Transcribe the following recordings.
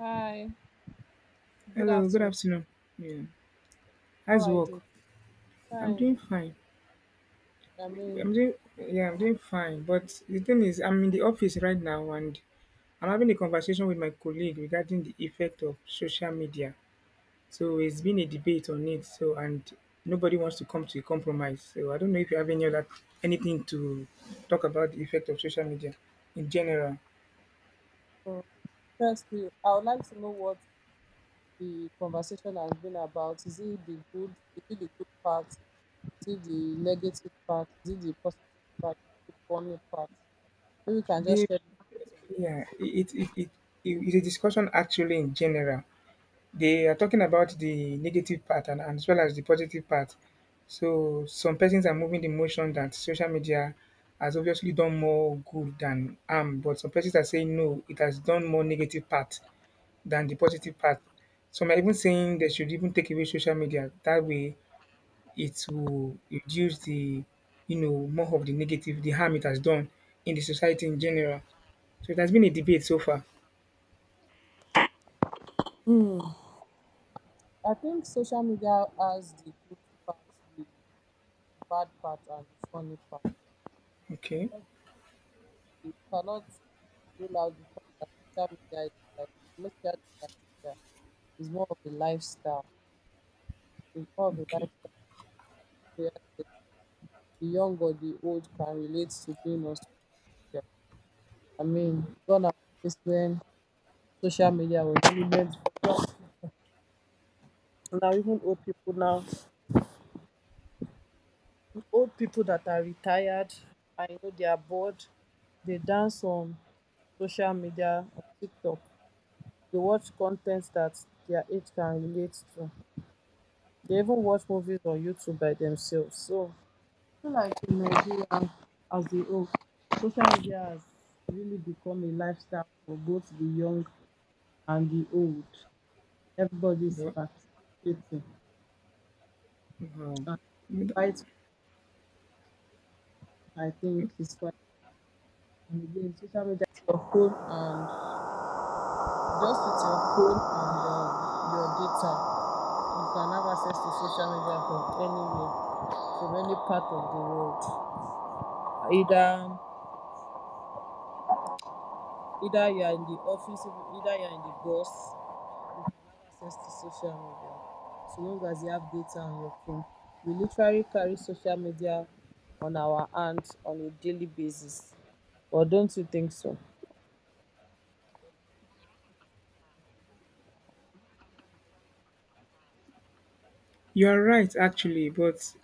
Hi, good Hello, good afternoon. afternoon. Yeah. How How's are you work? doing? I'm doing Fine. fine. I mean, I'm doing yeah, I'm doing fine. But the thing is I'm in the office right now and I'm having a conversation with my colleague regarding the effect of social media. So it's been a debate on it. So and nobody wants to come to a compromise. So I don't know if you have any other anything to talk about the effect of social media in general. uh, Firstly, I would like to know what the conversation has been about. Is it the good? Is it the good part? Is it the negative part? Is it the positive part? Is it the funny part? Maybe you can They just share the yeah, thoughts It is a discussion actually in general. They are talking about the negative part and as well as the positive part. So some persons are moving the motion that social media has obviously done more good than harm, but some persons are saying no, it has done more negative part than the positive part. Some are even saying they should even take away social media. That way it will reduce the more of the negative, the harm it has done in the society in general. So it has been a debate so far. on that. Hmm. I think social media has the good part, the bad part, and the funny part. Okay. Not the- You cannot rule out the fact that social media is like most especially in Nigeria. It's more of a lifestyle. It's more of a lifestyle Okay. where the young or the old can relate to being on social media. I mean, gone are the days when social media was really meant for young. Now even old people now, old people that are retired, I know they are bored. They dance on social media on TikTok. They watch content that their age can relate to. They even watch movies on YouTube by themselves. So feel like in Nigeria as a whole, social media has really become a lifestyle for both the young and the old. Everybody's Well, participating. wow. And quite, I think, is quite. And again, social media is your phone, and just with your phone and your data, you can have access to social media from anywhere, from any part of the world. Either either you are in the office, either you are in the bus, you can have access to social media so long as you have data on your phone. We literally carry social media on our hands on a daily basis. Or don't you think so? You are right, actually, but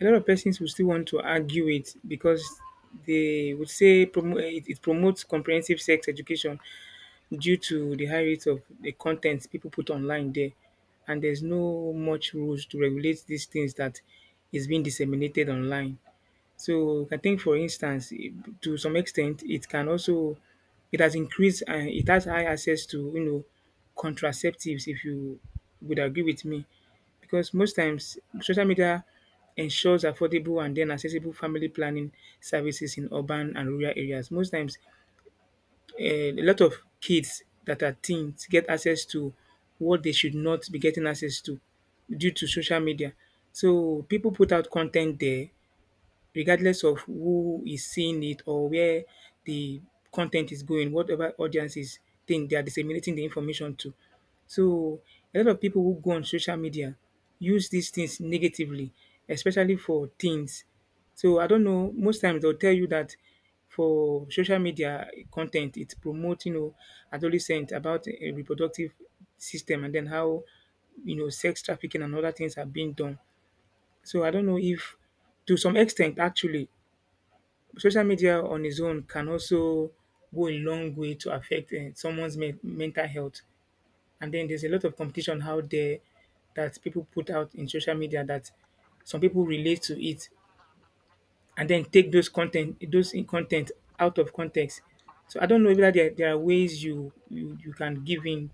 a lot of persons will still want to argue it because they would say it, it promotes comprehensive sex education due to the high rate of the content people put online there, and there's no much rules to regulate these things that is being disseminated online. So I think, for instance, to some extent, it can also it has increased and it has high access to contraceptives. If you would agree with me, because most times social media ensures affordable and then accessible family planning services in urban and rural areas. Most times, a lot of kids that are teens get access to what they should not be getting access to due to social media. So people put out content there regardless of who is seeing it or where the content is going, whatever audiences think they are disseminating the information to. So a lot of people who go on social media use these things negatively, especially for teens. So I don't know, most times they'll tell you that for social media content, it's promoting adolescent about a reproductive system and then how sex trafficking and other things are being done. So I don't know if to some extent actually social media on its own can also go a long way to affect someone's mental health. And then there's a lot of competition out there that people put out in social media that some people relate to it and then take those content, those in content out of context. So I don't know whether there are ways you you can give in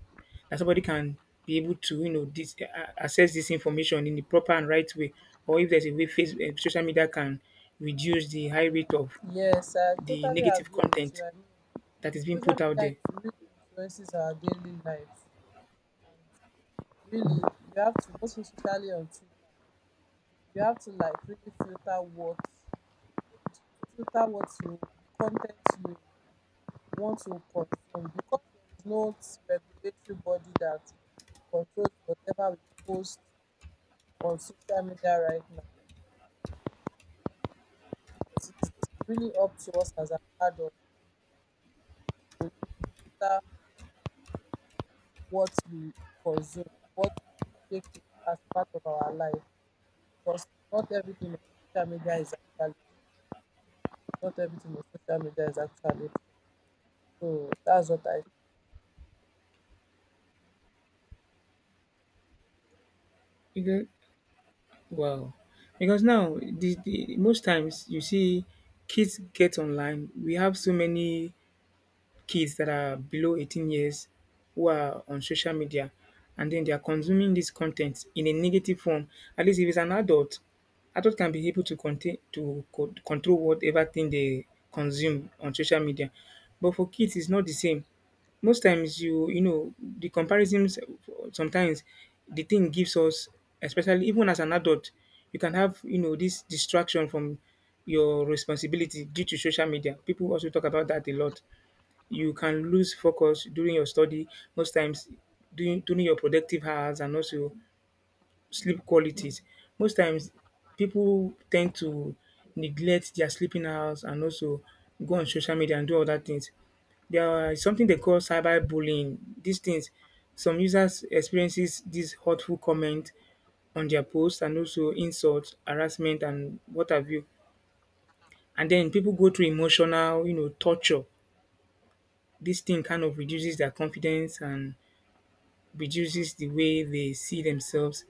that somebody can be able to this, access this information in the proper and right way, or if there's a way social media can reduce the high rate of Yes, I the totally negative agree with you. content I mean, that is being put out there. Really influences our daily life. And really, you have to, most especially on Twitter, you have to like really filter what you, the content you want to consume, because there is no regulatory body that controls whatever we post on social media right now. It is really up to us as an adult to really filter what we consume, what we take as part of our life, because not everything on social media is actually true. Not everything on social media is actually true. So that's what I. Because, well, because now the most times you see kids get online. We have so many kids that are below 18 years who are on social media and then they are consuming this content in a negative form. At least if it's an adult, adult can be able to control whatever thing they consume on social media. But for kids, it's not the same. Most times, you know the comparisons. Sometimes the thing gives us, especially even as an adult, you can have this distraction from your responsibility due to social media. People also talk about that a lot. You can lose focus during your study most times during your productive hours and also sleep qualities. Most times people tend to neglect their sleeping hours and also go on social media and do other things. There are something they call cyber bullying. These things, some users experiences these hurtful comment on their posts and also insults, harassment and what have you. And then people go through emotional, torture. This thing kind of reduces their confidence and reduces the way they see themselves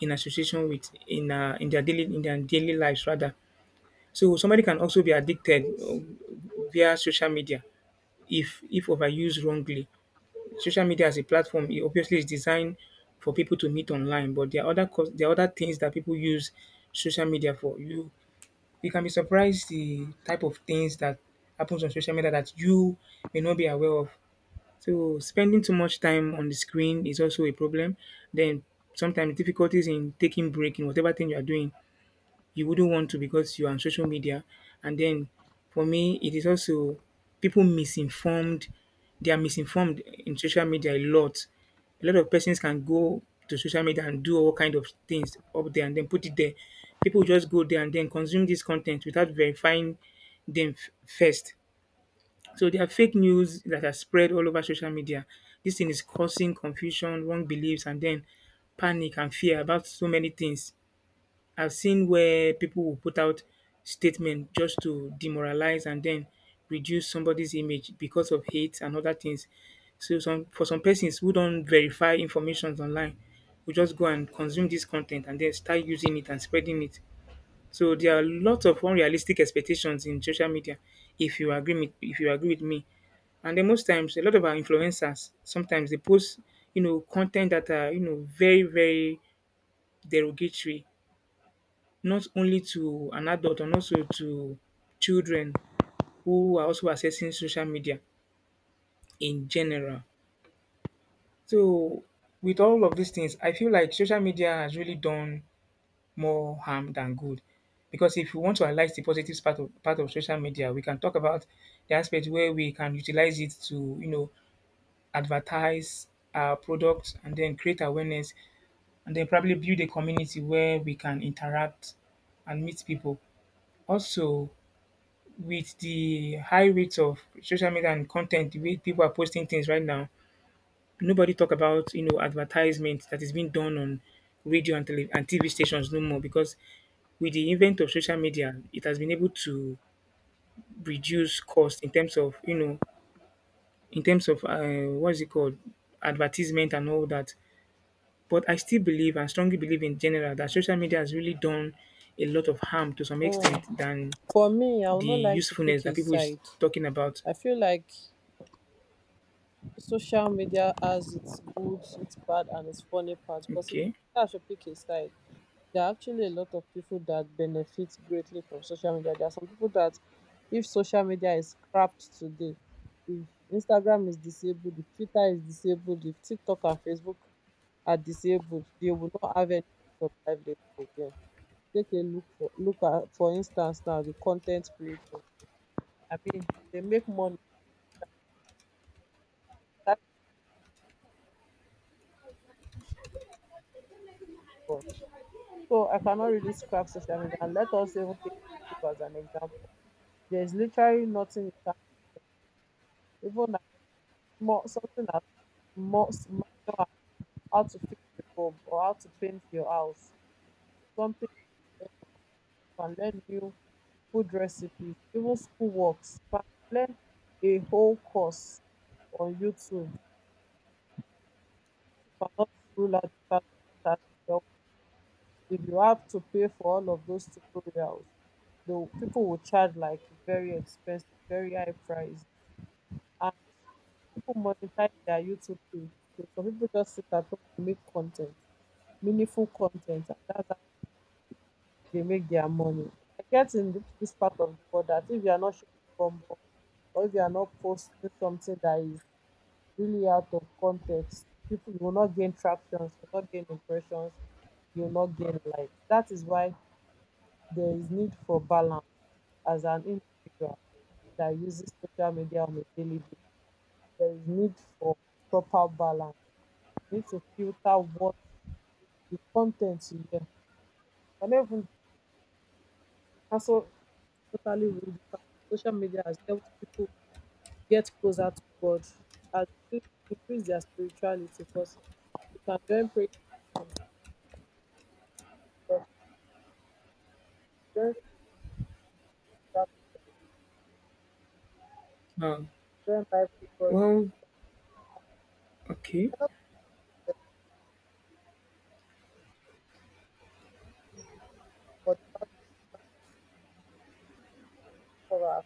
in association with in their daily lives rather. So somebody can also be addicted via social media if overused wrongly. Social media as a platform, it obviously is designed for people to meet online, but there are there are other things that people use social media for. You can be surprised the type of things that happens on social media that you may not be aware of. So spending too much time on the screen is also a problem. Then sometimes difficulties in taking break in whatever thing you are doing, you wouldn't want to because you are on social media. And then for me, it is also people misinformed. They are misinformed in social media a lot. A lot of persons can go to social media and do all kind of things up there and then put it there. People just go there and then consume this content without verifying them first. So there are fake news that are spread all over social media. This thing is causing confusion, wrong beliefs, and then panic and fear about so many things. I've seen where people will put out statements just to demoralize and then reduce somebody's image because of hate and other things. So some for some persons who don't verify information online, will just go and consume this content and then start using it and spreading it. So there are lots of unrealistic expectations in social media. If you agree with me, and then most times, a lot of our influencers sometimes they post, content that are very derogatory, not only to an adult and also to children who are also accessing social media in general. So with all of these things, I feel like social media has really done more harm than good. Because if we want to analyze the positive part of social media, we can talk about the aspect where we can utilize it to, you know, advertise our products and then create awareness and then probably build a community where we can interact and meet people. Also, with the high rates of social media and content, the way people are posting things right now, nobody talk about advertisement that is being done on and TV stations no more because with the event of social media, it has been able to reduce cost in terms of in terms of what is it called, advertisement and all that. But I still believe and strongly believe in general that social media has really done a lot of harm to some Mm. extent than For me, I would the not like to usefulness pick a that people is side. talking about. I feel like social media has its good, its bad, and its funny parts. Because if Okay. I should pick a side, there are actually a lot of people that benefit greatly from social media. There are some people that, if social media is scrapped today, if Instagram is disabled, if Twitter is disabled, if TikTok and Facebook are disabled, they will not have any sort of livelihood again. Take a look for Look at, for instance, now the content creators. I mean, they make money. So I cannot really scrap social media. And let us even take YouTube as an example. There's literally nothing you can do. Even as more something as more minor as how to fix a bulb or how to paint your house. Something you can learn new food recipes, even school works. You can learn a whole course on YouTube. You cannot rule out the fact that that has been helpful. If you have to pay for all of those tutorials, the people will charge like very expensive, very high price. And people monetize their YouTube page. So some people just sit at home and make content, meaningful content, and that's how they make their money. I get in this part of the world that if you are not shaking bumble or if you are not posting something that is really out of context, people you will not gain tractions, you will not gain impressions, you will not gain likes. That is why there is need for balance as an individual that uses social media on a daily basis. There is need for proper balance. You need to filter what the content you hear. I even also totally with the fact that social media has helped people get closer to God, has increased their spirituality because you can join prayer, talk, Wow. join program, join Bible study for Well, okay. the four.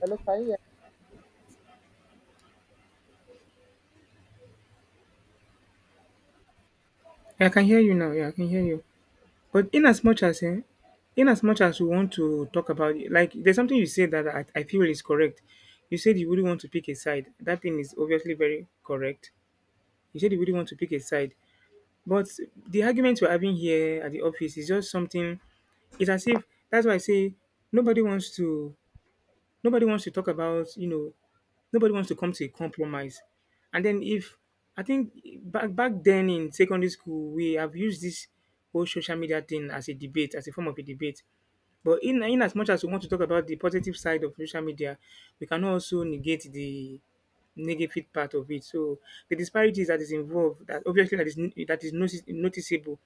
Hello, can you hear me? Yeah, I can hear you now. Yeah, I can hear you. But in as much as we want to talk about it, like there's something you said that I feel is correct. You said you wouldn't want to pick a side. That thing is obviously very correct. You said you wouldn't want to pick a side. But the argument we're having here at the office is just something. It's as if that's why I say nobody wants to nobody wants to talk about nobody wants to come to a compromise. And then if I think back then in secondary school we have used this whole social media thing as a debate as a form of a debate. But in as much as we want to talk about the positive side of social media, we cannot also negate the negative part of it. So the disparities that is involved, that obviously that is noticeable,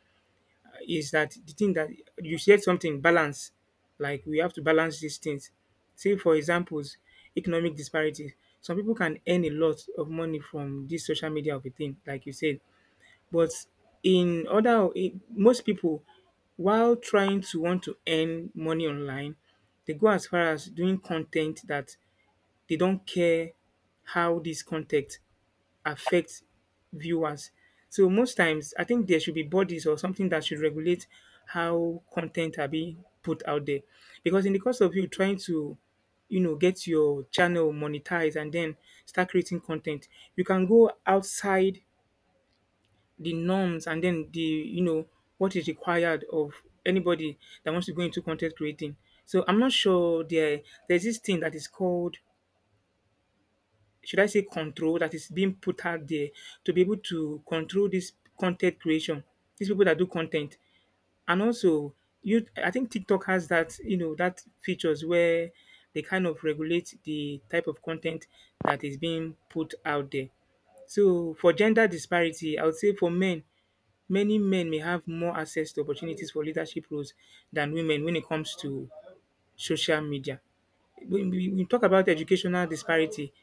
is that the thing that you said something balance, like we have to balance these things. Say, for examples, economic disparities. Some people can earn a lot of money from this social media of a thing, like you said. But in most people, while trying to want to earn money online, they go as far as doing content that they don't care how this content affect viewers. So most times, I think there should be bodies or something that should regulate how content are being put out there, because in the course of you trying to, you know, get your channel monetized and then start creating content, you can go outside the norms and then the what is required of anybody that wants to go into content creating. So I'm not sure there's this thing that is called, should I say, control that is being put out there to be able to control this content creation, these people that do content. And also you I think TikTok has that features where they kind of regulate the type of content that is being put out there. So for gender disparity, I would say for men, many men may have more access to opportunities for leadership roles than women when it comes to social media. When we talk about educational disparity,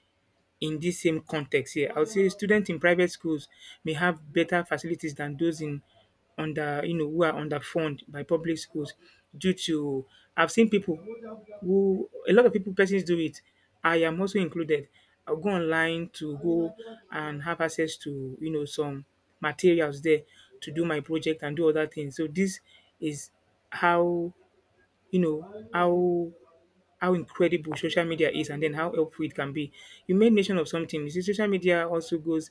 in this same context here, I would say students in private schools may have better facilities than those in under you know who are underfunded by public schools due to I've seen people who a lot of people persons do it. I am also included. I'll go online to go and have access to some materials there to do my project and do other things. So this is how you know how how incredible social media is and then how helpful it can be. You made mention of something. You see, social media also goes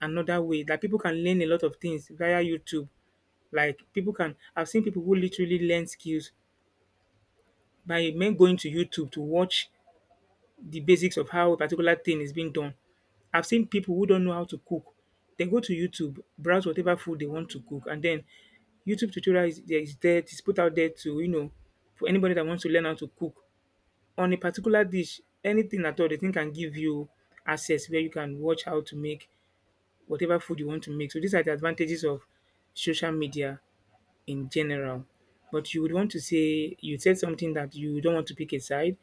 another way. Like people can learn a lot of things via YouTube. Like people can, I've seen people who literally learn skills by men going to YouTube to watch the basics of how a particular thing is being done. I've seen people who don't know how to cook. They go to YouTube, browse whatever food they want to cook, and then YouTube tutorial it's put out there to for anybody that wants to learn how to cook on a particular dish, anything at all the thing can give you access where you can watch how to make whatever food you want to make. So these are the advantages of social media in general. But you would want to say you said something that you don't want to pick a side.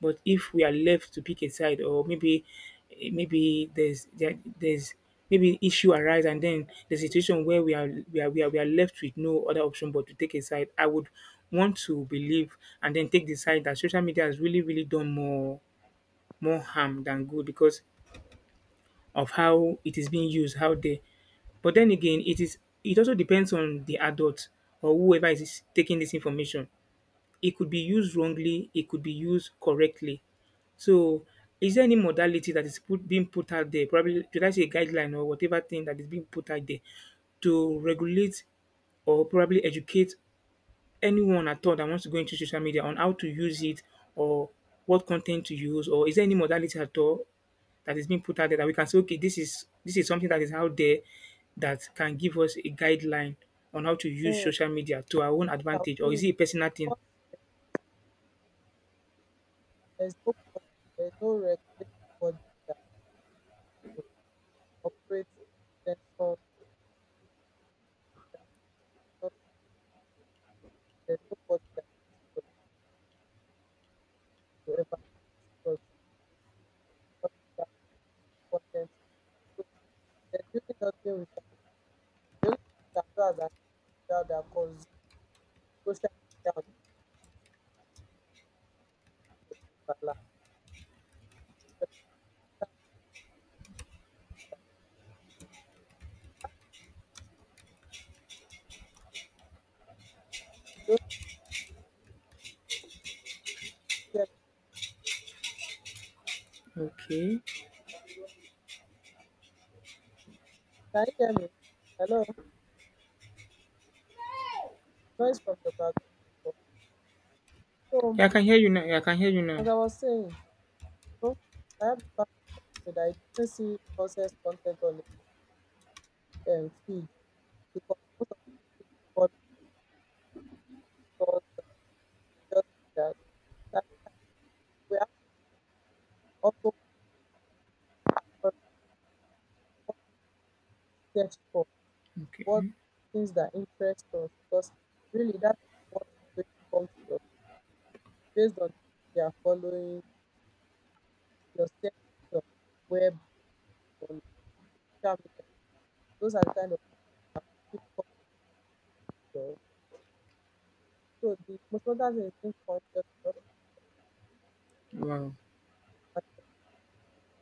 But if we are left to pick a side, or maybe maybe there's there, there's maybe issue arise and then the situation where we are left with no other option but to take a side, I would want to believe and then take the side that social media has really done more harm than good because of how it is being used out there. But then again, it also depends on the adult or whoever is taking this information. It could be used wrongly, it could be used correctly. So, is there any modality that being put out there? Probably, should I say guideline or whatever thing that is being put out there to regulate or probably educate anyone at all that wants to go into social media on how to use it or what content to use, or is there any modality at all that is being put out there that we can say, okay, this is something that is out there that can give us a guideline on how to Hmm. use What social media to our own I will advantage, say or is is it a personal thing? that there's no body, there's no regulatory body that, you know, operates and censors posts on social media. Like, why not post on social media? There's no body that you have to connect to, evaluate it, or to give you quality assurance of the content you put. So there's really nothing we can. The only thing we can do as an individual that consumes social media on a daily basis is that make sure there is a balance. So that we can, don't you hear me? Okay. Can you hear me? Hello? Noise from your background before. So Yeah, I can hear you now. Yeah, I can hear you now. as I was saying, no, I have a pastor that told me that he doesn't see nonsense content on his feed because most of the people is following pastors and religious leaders. So I feel like we have to be also more research for what are Okay. the things that interest us, because really that is what is going to come to you based on the people you are following, your searches on web, on social media. Those are the kind of things that will keep coming. So the most important thing is being conscious and Wow. also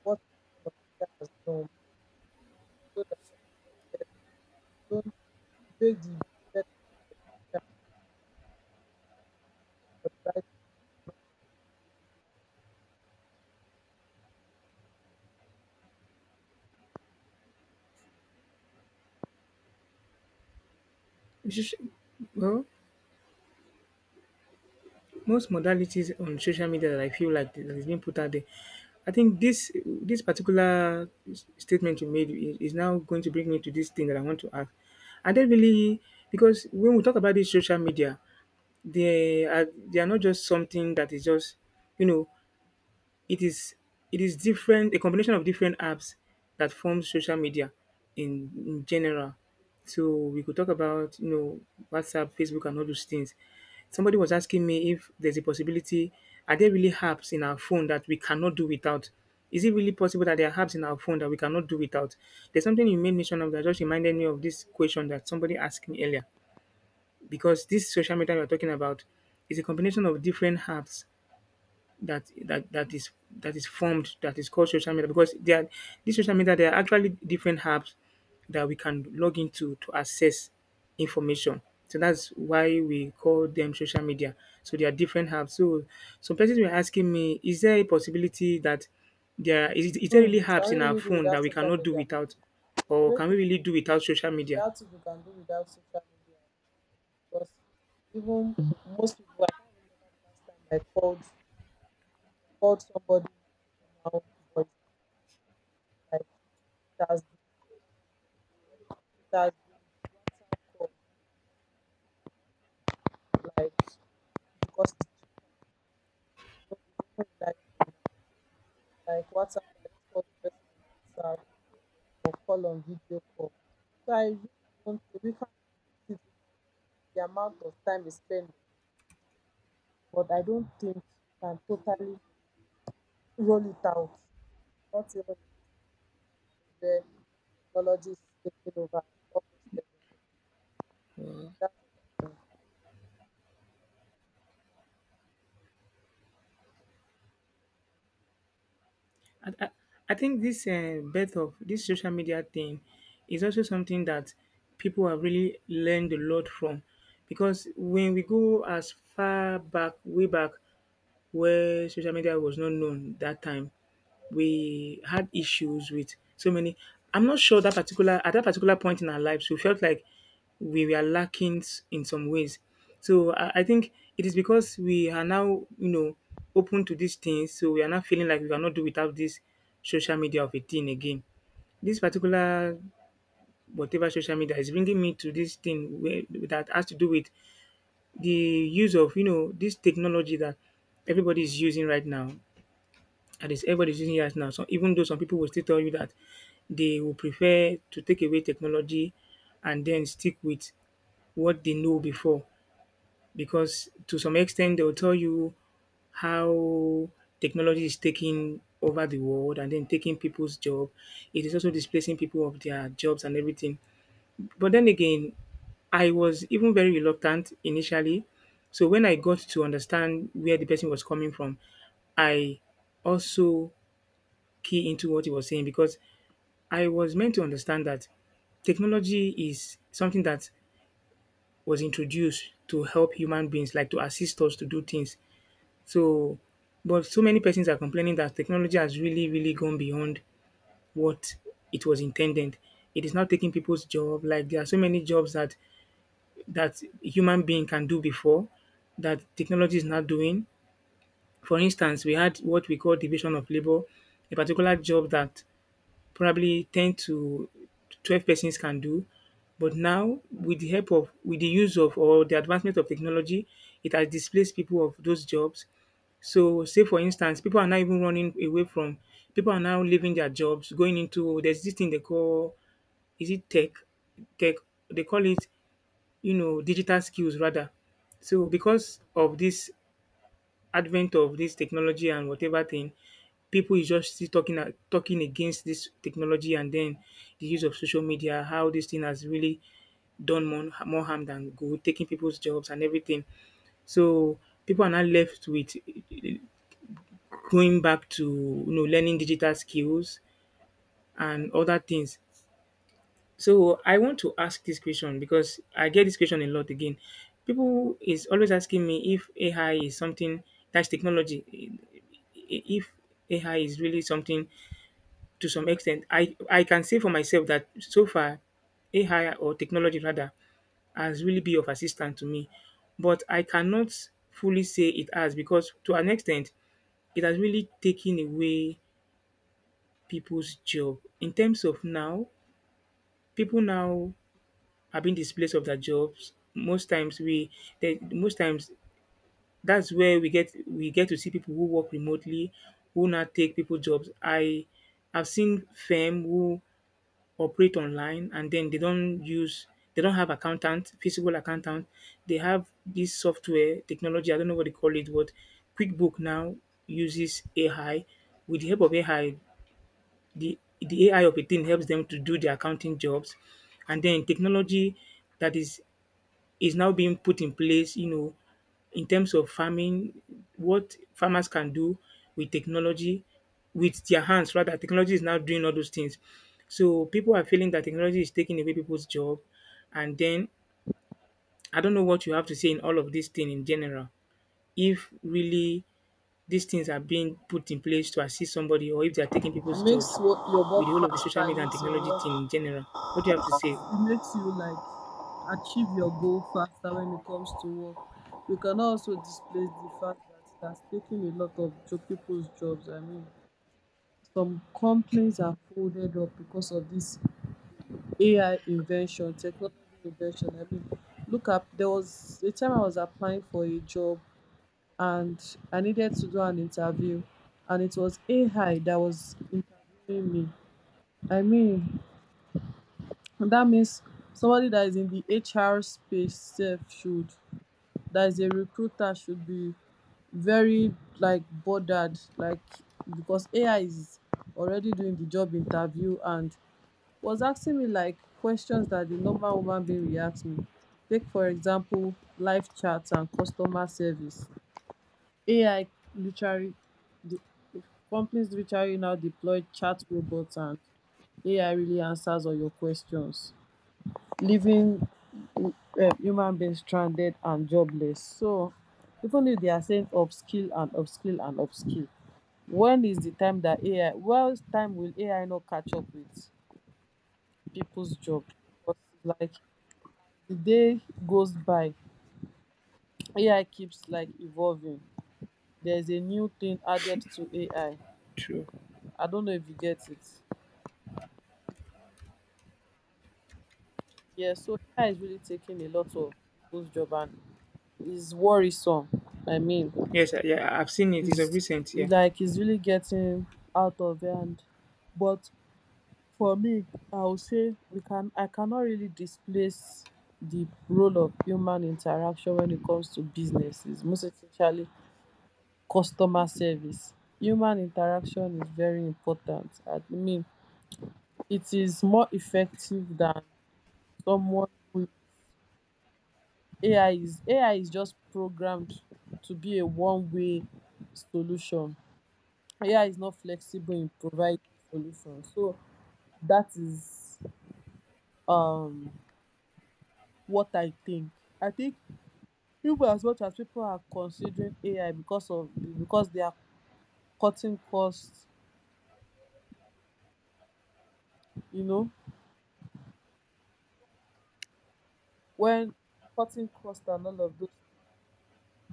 what people consider as norm, so that they don't make the better use of social media for the right reason. It's just- well Most modalities on social media that I feel like that is being put out there, I think this particular statement you made is now going to bring me to this thing that I want to ask. I don't really, because when we talk about this social media, they are not just something that is just you know it is different a combination of different apps that forms social media in general. So we could talk about WhatsApp, Facebook, and all those things. Somebody was asking me if there's a possibility. Are there really apps in our phone that we cannot do without? Is it really possible that there are apps in our phone that we cannot do without? There's something you made mention of that just reminded me of this question that somebody asked me earlier. Because this social media we're talking about is a combination of different apps that that that is that is formed that is called social media because they are this social media there are actually different apps that we can log into to access information. So that's why we call them social media. So there are different apps. So some persons were asking me, is there a possibility that is there Hmm, really can apps we in our really do phone that without we social cannot do media? without, With the or way can we things really are do without going now, social I media? doubt if we can do without social media because even most people, I can't remember the last time I called somebody from my own voice. like it has been, it has been WhatsApp call, like, because it's cheap and, you know, it's even reliable now. Like WhatsApp, I just called the person on WhatsApp, call on video call. So I really don't think we can reduce it the amount of time we spend on it, but I don't think we can totally roll it out. Not even in this time and age where technology is taking over almost everything. That's what I think. I, I, I think this birth of this social media thing is also something that people have really learned a lot from, because when we go as far back, way back, where social media was not known that time, we had issues with so many. I'm not sure that particular at that particular point in our lives, we felt like we were lacking in some ways. So I think it is because we are now, you know, open to these things. So we are not feeling like we cannot do without this social media of a thing again. This particular whatever social media is bringing me to this thing where, that has to do with the use of this technology that everybody is using right now, and it's everybody's using AI now. So even though some people will still tell you that they will prefer to take away technology and then stick with what they know before, because to some extent they will tell you how technology is taking over the world and then taking people's job. It is also displacing people of their jobs and everything. But then again, I was even very reluctant initially. So when I got to understand where the person was coming from, I also key into what he was saying because I was meant to understand that technology is something that was introduced to help human beings, like to assist us to do things. So, but so many persons are complaining that technology has really gone beyond what it was intended. It is now taking people's job. Like there are so many jobs that human being can do before that technology is not doing. For instance, we had what we call division of labor, a particular job that probably 10 to 12 persons can do. But now, with the use of or the advancement of technology, it has displaced people of those jobs. So, say for instance, people are now even running away from, people are now leaving their jobs, going into, oh, there's this thing they call, is it tech? Tech, they call it, you know, digital skills rather. So, because of this advent of this technology and whatever thing, people is just still talking talking against this technology and then the use of social media, how this thing has really done more harm than good, taking people's jobs and everything. So people are now left with going back to learning digital skills and other things. So I want to ask this question because I get this question a lot again. People is always asking me if AI is something that's technology. If AI is really something to some extent, I can say for myself that so far AI or technology rather has really been of assistance to me, but I cannot fully say it has, because to an extent it has really taken away people's job in terms of now people now have been displaced of their jobs. Most times that's where we get to see people who work remotely who now take people jobs. I have seen firm who operate online and then they don't have accountant, physical accountant. They have this software technology, I don't know what they call it, but QuickBook now uses AI. With the help of AI, the AI of a thing helps them to do their accounting jobs. And then technology that is now being put in place, you know, in terms of farming, what farmers can do with technology, with their hands rather. Technology is now doing all those things. So people are feeling that technology is taking away people's job. And then I don't know what you have to say in all of this thing in general. If really these things are being put in place to assist somebody or if they are taking It people's makes jobs wo- your work with the whole of the faster. social It media and makes your technology thing work. in general. What do you have to say? It makes you like achieve your goal faster when it comes to work. We can also displace the fact that it has taken a lot of people's jobs. I mean, some complaints are folded up because of this AI invention, technology invention. I mean, look up. There was a time I was applying for a job, and I needed to do an interview, and it was AI that was interviewing me. I mean, that means somebody that is in the HR space self should, that is a recruiter should be very like bothered, like, because AI is already doing the job interview and was asking me like questions that the normal woman being will ask me. Take for example live chat and customer service. AI literally The companies literally now deploy chat robots, and AI really answers all your questions, leaving human beings stranded and jobless. So even if they are saying upskill and upskill and upskill, when is the time that AI? What time will AI not catch up with people's job? Because it's like the day goes by, AI keeps like evolving. There's a new thing added to AI. I True. I don't know if you get it. Yeah, so AI is really taking a lot of people's job and is worrisome. I mean, Yes, yeah, I've seen it. It's a is recent, yeah. like it's really getting out of hand. But for me, I would say we can I cannot really displace the role of human interaction when it comes to businesses, most especially customer service. Human interaction is very important. I mean, it is more effective than someone who AI is just programmed to be a one-way solution. AI is not flexible in providing solutions. So that is um what I think. I think even as much as people are considering AI because of because they are cutting costs, you know, when cutting costs and all of those,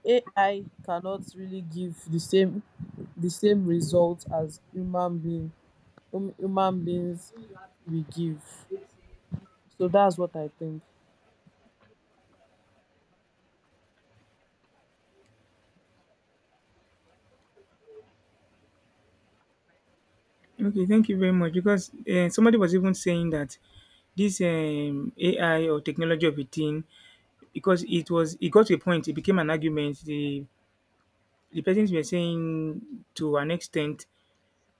AI cannot really give the same result as human being human beings we give. So that's what I think. Okay, thank you very much because, eh, somebody was even saying that this, AI or technology of a thing, because it got to a point, it became an argument. The persons were saying to an extent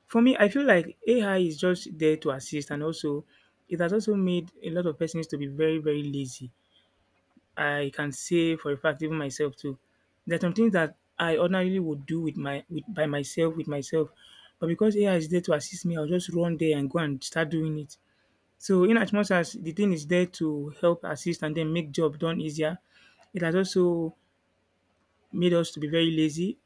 for me, I feel like AI is just there to assist, and also it has also made a lot of persons to be very, very lazy. I can say for a fact, even myself too. There are some things that I ordinarily would do with my with by myself with myself, but because AI is there to assist me, I'll just run there and go and start doing it. So in as much as the thing is there to help assist and then make job done easier, it has also made us to be very lazy.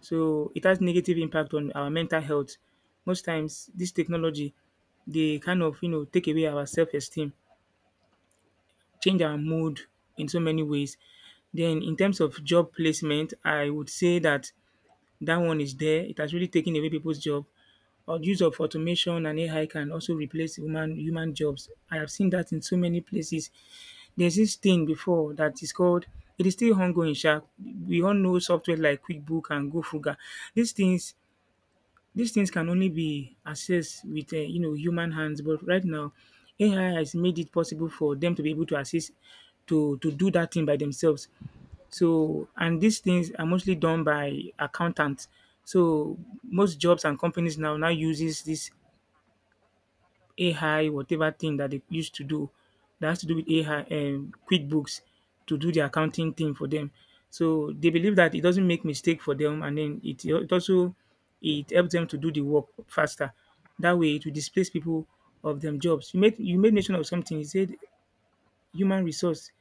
So it has negative impact on our mental health. Most times this technology, they kind of take away our self-esteem, change our mood in so many ways. Then in terms of job placement, I would say that that one is there. It has really taken away people's job. Or use of automation and AI can also replace human jobs. I have seen that in so many places. There's this thing before that is called, it is still ongoing sha. We all know software like QuickBook and GoFuga. These things these things can only be accessed with, human hands, but right now AI has made it possible for them to be able to assist to do that thing by themselves. So and these things are mostly done by accountants. So most jobs and companies now uses this AI, whatever thing that they used to do that has to do with AI and QuickBooks to do the accounting thing for them. So they believe that it doesn't make mistake for them, and then it also it helps them to do the work faster. That way it will displace people of them jobs. You made mention of something. You said human resource.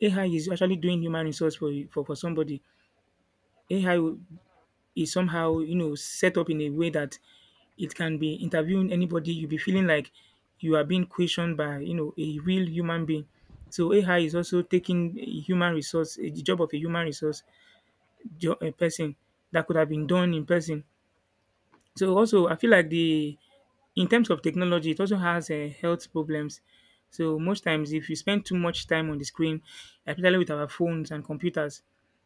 AI is actually doing human resource for somebody. AI will is somehow, set up in a way that it can be interviewing anybody. You'll be feeling like you are being questioned by, a real human being. So AI is also taking a human resource, a job of a human resource a person that could have been done in person. So also I feel like the in terms of technology, it also has health problems. So most times, if you spend too much time on the screen, especially with our phones and computers,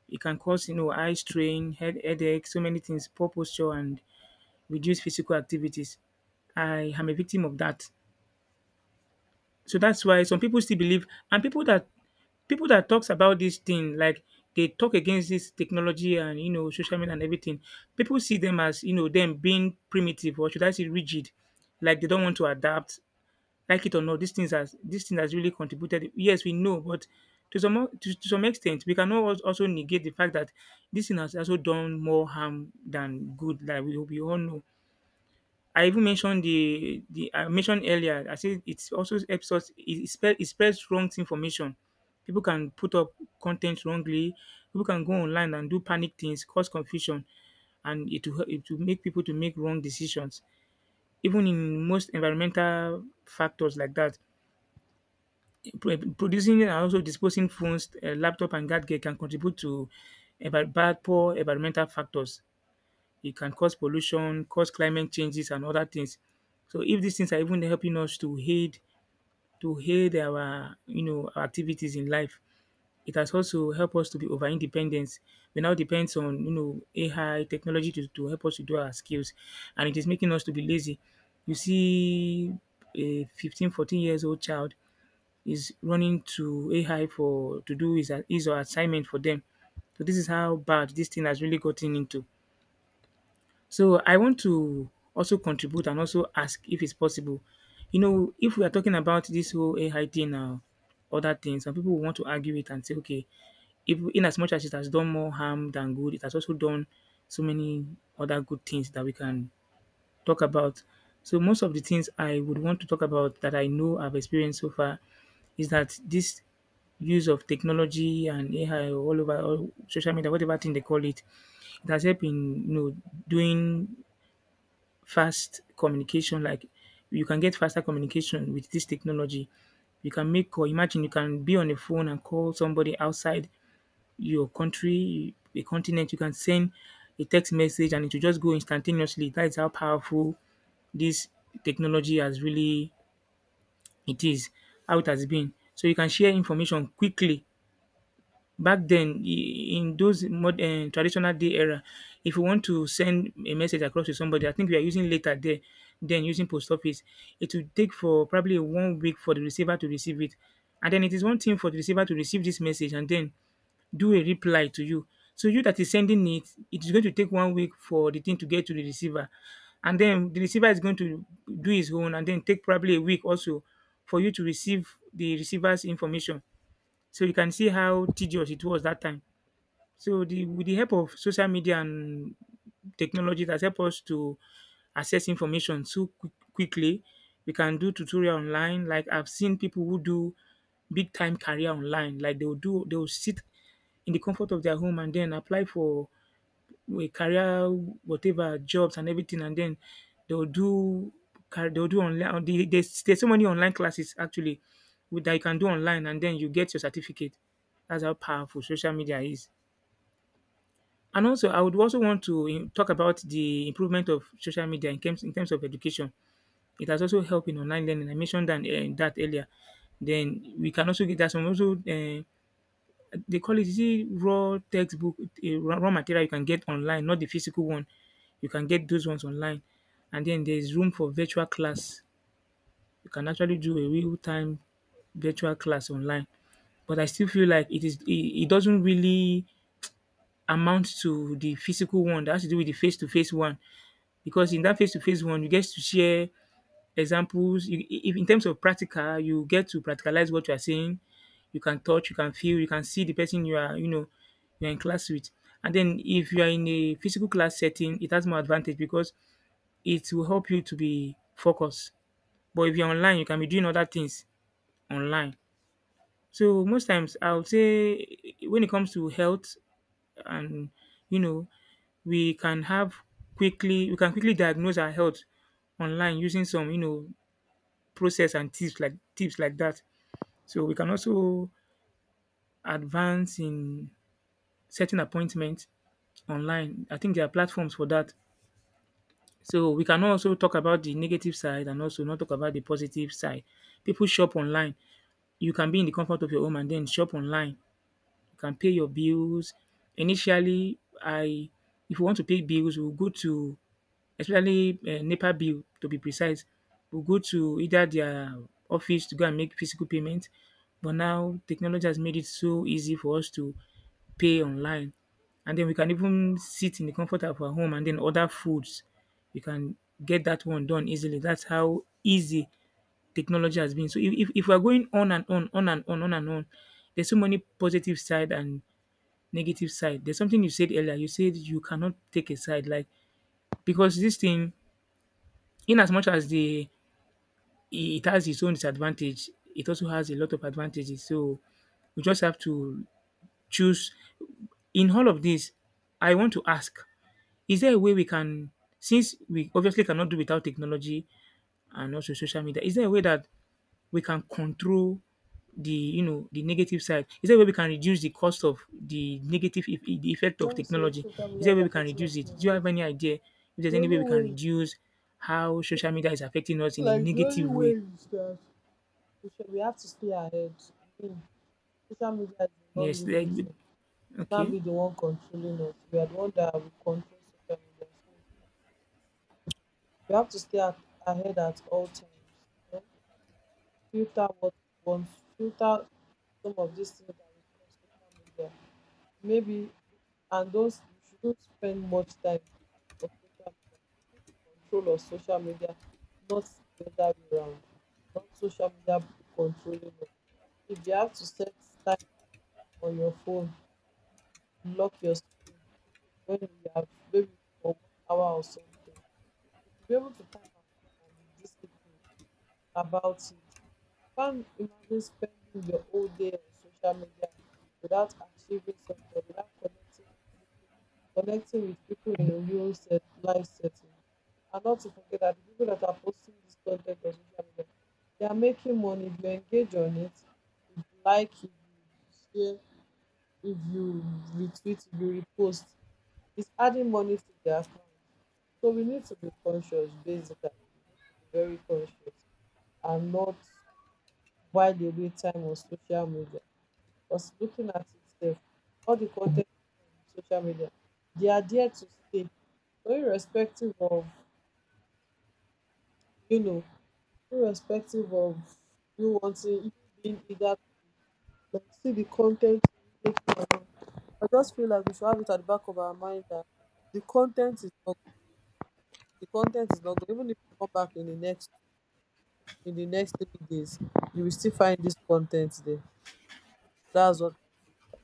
it can cause eye strain, headache, so many things, poor posture, and reduce physical activities. I am a victim of that. So that's why some people still believe, and people that talks about this thing, like they talk against this technology and social media and everything. People see them as them being primitive, or should I say rigid, like they don't want to adapt. Like it or not, these things has this thing has really contributed. Yes, we know, but to some extent, we cannot also negate the fact that this thing has also done more harm than good. Like we all know. I even mentioned the I mentioned earlier. I said it also helps us. It spreads wrong information. People can put up content wrongly. People can go online and do panic things, cause confusion, and it will make people to make wrong decisions. Even in most environmental factors like that, producing and also disposing phones, laptop, and gadget can contribute to about bad poor environmental factors. It can cause pollution, cause climate changes and other things. So if these things are even helping us to aid our our activities in life, it has also helped us to be over independent. We now depends on AI technology to help us to do our skills, and it is making us to be lazy. You see a 14 years old child is running to AI for to do his or assignment for them. So this is how bad this thing has really gotten into. So I want to also contribute and also ask if it's possible. You know, if we are talking about this whole AI thing now, other things, some people want to argue it and say, okay, if in as much as it has done more harm than good, it has also done so many other good things that we can talk about. So most of the things I would want to talk about that I know I've experienced so far is that this use of technology and AI all over all social media, whatever thing they call it, it has helped in doing fast communication, like you can get faster communication with this technology. You can make, or imagine you can be on a phone and call somebody outside your country, a continent. You can send a text message and it will just go instantaneously. That is how powerful this technology has really it is, how it has been. So you can share information quickly. Back then I in those mod traditional day era, if you want to send a message across to somebody, I think we are using letter there, then using post office, it will take for probably 1 week for the receiver to receive it. And then it is one thing for the receiver to receive this message and then do a reply to you. So you that is sending it, it is going to take 1 week for the thing to get to the receiver. And then the receiver is going to do his own and then take probably a week also for you to receive the receiver's information. So you can see how tedious it was that time. So the with the help of social media and technology that help us to access information so quickly, we can do tutorial online. Like I've seen people who do big time career online. Like they will sit in the comfort of their home and then apply for will career whatever jobs and everything, and then they'll do they'll do online there's so many online classes actually that you can do online and then you get your certificate. That's how powerful social media is. And also, I would also want to talk about the improvement of social media in terms of education. It has also helped in online learning. I mentioned that earlier. Then we can also get that some also they call it is it raw textbook, raw material you can get online, not the physical one. You can get those ones online. And then there's room for virtual class. You can actually do a real time virtual class online. But I still feel like it doesn't really amount to the physical one that has to do with the face to face one, because in that face to face one you get to share examples you if in terms of practical you get to practicalize what you are saying. You can touch, you can feel, you can see the person you are, you're in class with. And then if you are in a physical class setting, it has more advantage because it will help you to be focused. But if you're online, you can be doing other things online. So most times I would say when it comes to health and, you know, we can have quickly we can quickly diagnose our health online using some, process and tips like that. So we can also advance in setting appointments online. I think there are platforms for that. So we can also talk about the negative side and also not talk about the positive side. People shop online. You can be in the comfort of your home and then shop online. You can pay your bills. Initially, I if you want to pay bills, we'll go to especially NEPA bill to be precise, will go to either their office to go and make physical payment, but now technology has made it so easy for us to pay online. And then we can even sit in the comfort of our home and then order foods. We can get that one done easily. That's how easy technology has been. So if we're going on and on, there's so many positive side and negative side. There's something you said earlier. You said you cannot take a side, like, because this thing in as much as the it has its own disadvantage, it also has a lot of advantages. So we just have to choose. In all of this, I want to ask: Is there a way we can, since we obviously cannot do without technology and also social media, is there a way that we can control the the negative side? Is there a way we can reduce the cost of the negative the effect of When we say technology? social Is media there a is way we can affecting reduce us it? in Do a you have negative way, any idea if there's the any only way we can way reduce how social media is affecting us in a like the only negative way way? is that we should we have to stay ahead. I mean social media is a non Yes, living like with thing. It can't okay. be the one controlling us. We are the one that will control social media. So we have to ahead at all times. You know? Filter what we want Filter some of these things that we see on social media. Maybe and those you shouldn't spend much time on social media. Keep control of social media, not the other way around. Not social media controlling us. If you have to set time on your phone, lock your screen when you have maybe for 1 hour or something. You should be able to time yourself and be disciplined about it. Can't imagine spending your whole day on social media without achieving something, without connecting to people, connecting with people in a real set, life setting. And not to forget that the people that are posting this content on social media, they are making money if you engage on it, if you like, if you share, if you retweet, if you repost, it's adding money to their account. So we need to be conscious basically. We need to be very conscious and not while away time on social media because looking at itself all the content on social media, they are there to stay, so irrespective of you know irrespective of you wanting, you being eager to see the content immediately or not, I just feel like we should have it at the back of our mind that the content is not good. The content is not good. Even if you come back in the next 3 days, you will still find this content there. That's what I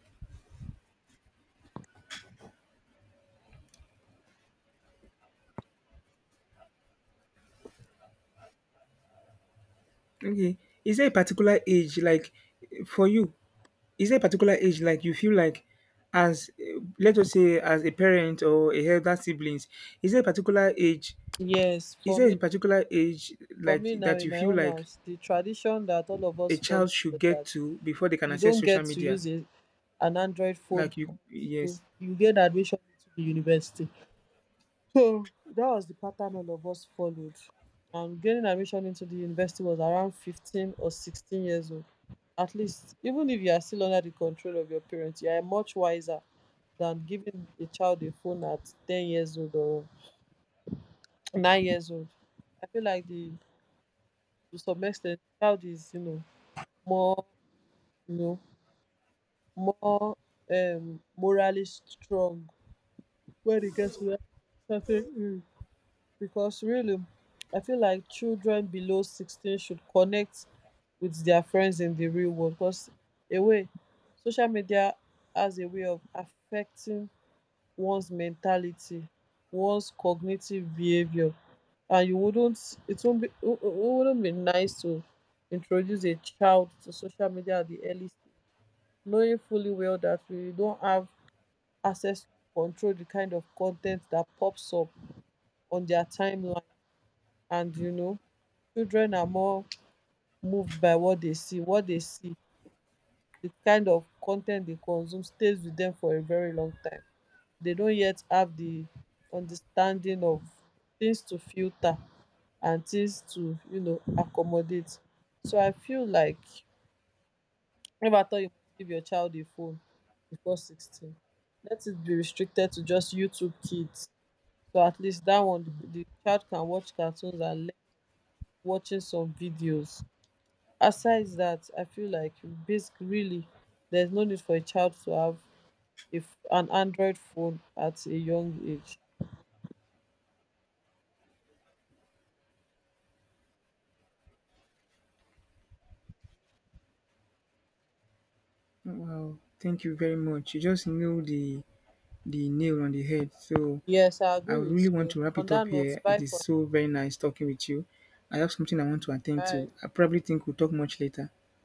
Okay. Is there a particular age like for you? Is there a particular age like you feel like, as let us say as a parent or a elder siblings, is there a particular age feel. Yes, is for there a me. particular age For like me now that in you my feel own like house, the tradition that all of a us follow child should was get that to before they can you access don't social get to media? use a, an Android phone Like you, until yes. you get admission into the university. So that was the pattern all of us followed. And getting admission into the university was around 15 or 16 years old. At least, even if you are still under the control of your parents, you are much wiser than giving a child a phone at 10 years old or 9 years old. I feel like the to some extent, child is, you know, more you know more morally strong when it gets to that certain age because really I feel like children below 16 should connect with their friends in the real world because a way, social media has a way of affecting one's mentality, one's cognitive behavior, and you wouldn't it won't be it wouldn't be nice to introduce a child to social media at the early stage, knowing fully well that we don't have access to control the kind of content that pops up on their timeline. And you know, children are more moved by what they see. What they see, the kind of content they consume stays with them for a very long time. They don't yet have the understanding of things to filter and things to, you know, accommodate. So I feel like never thought you must give your child a phone before 16. Let it be restricted to just YouTube kids so at least that one the child can watch cartoons and learn watching some videos. Aside that, I feel like basic really, there's no need for a child to have, if an Android phone at a young age. Wow. Thank you very much. You just knew the nail on the head. So Yes, I I agree would really with want you to wrap on it that up note. here. It Bye is for so very nice talking with you. I have something I want to now. attend to. Bye. I probably think we'll talk much later.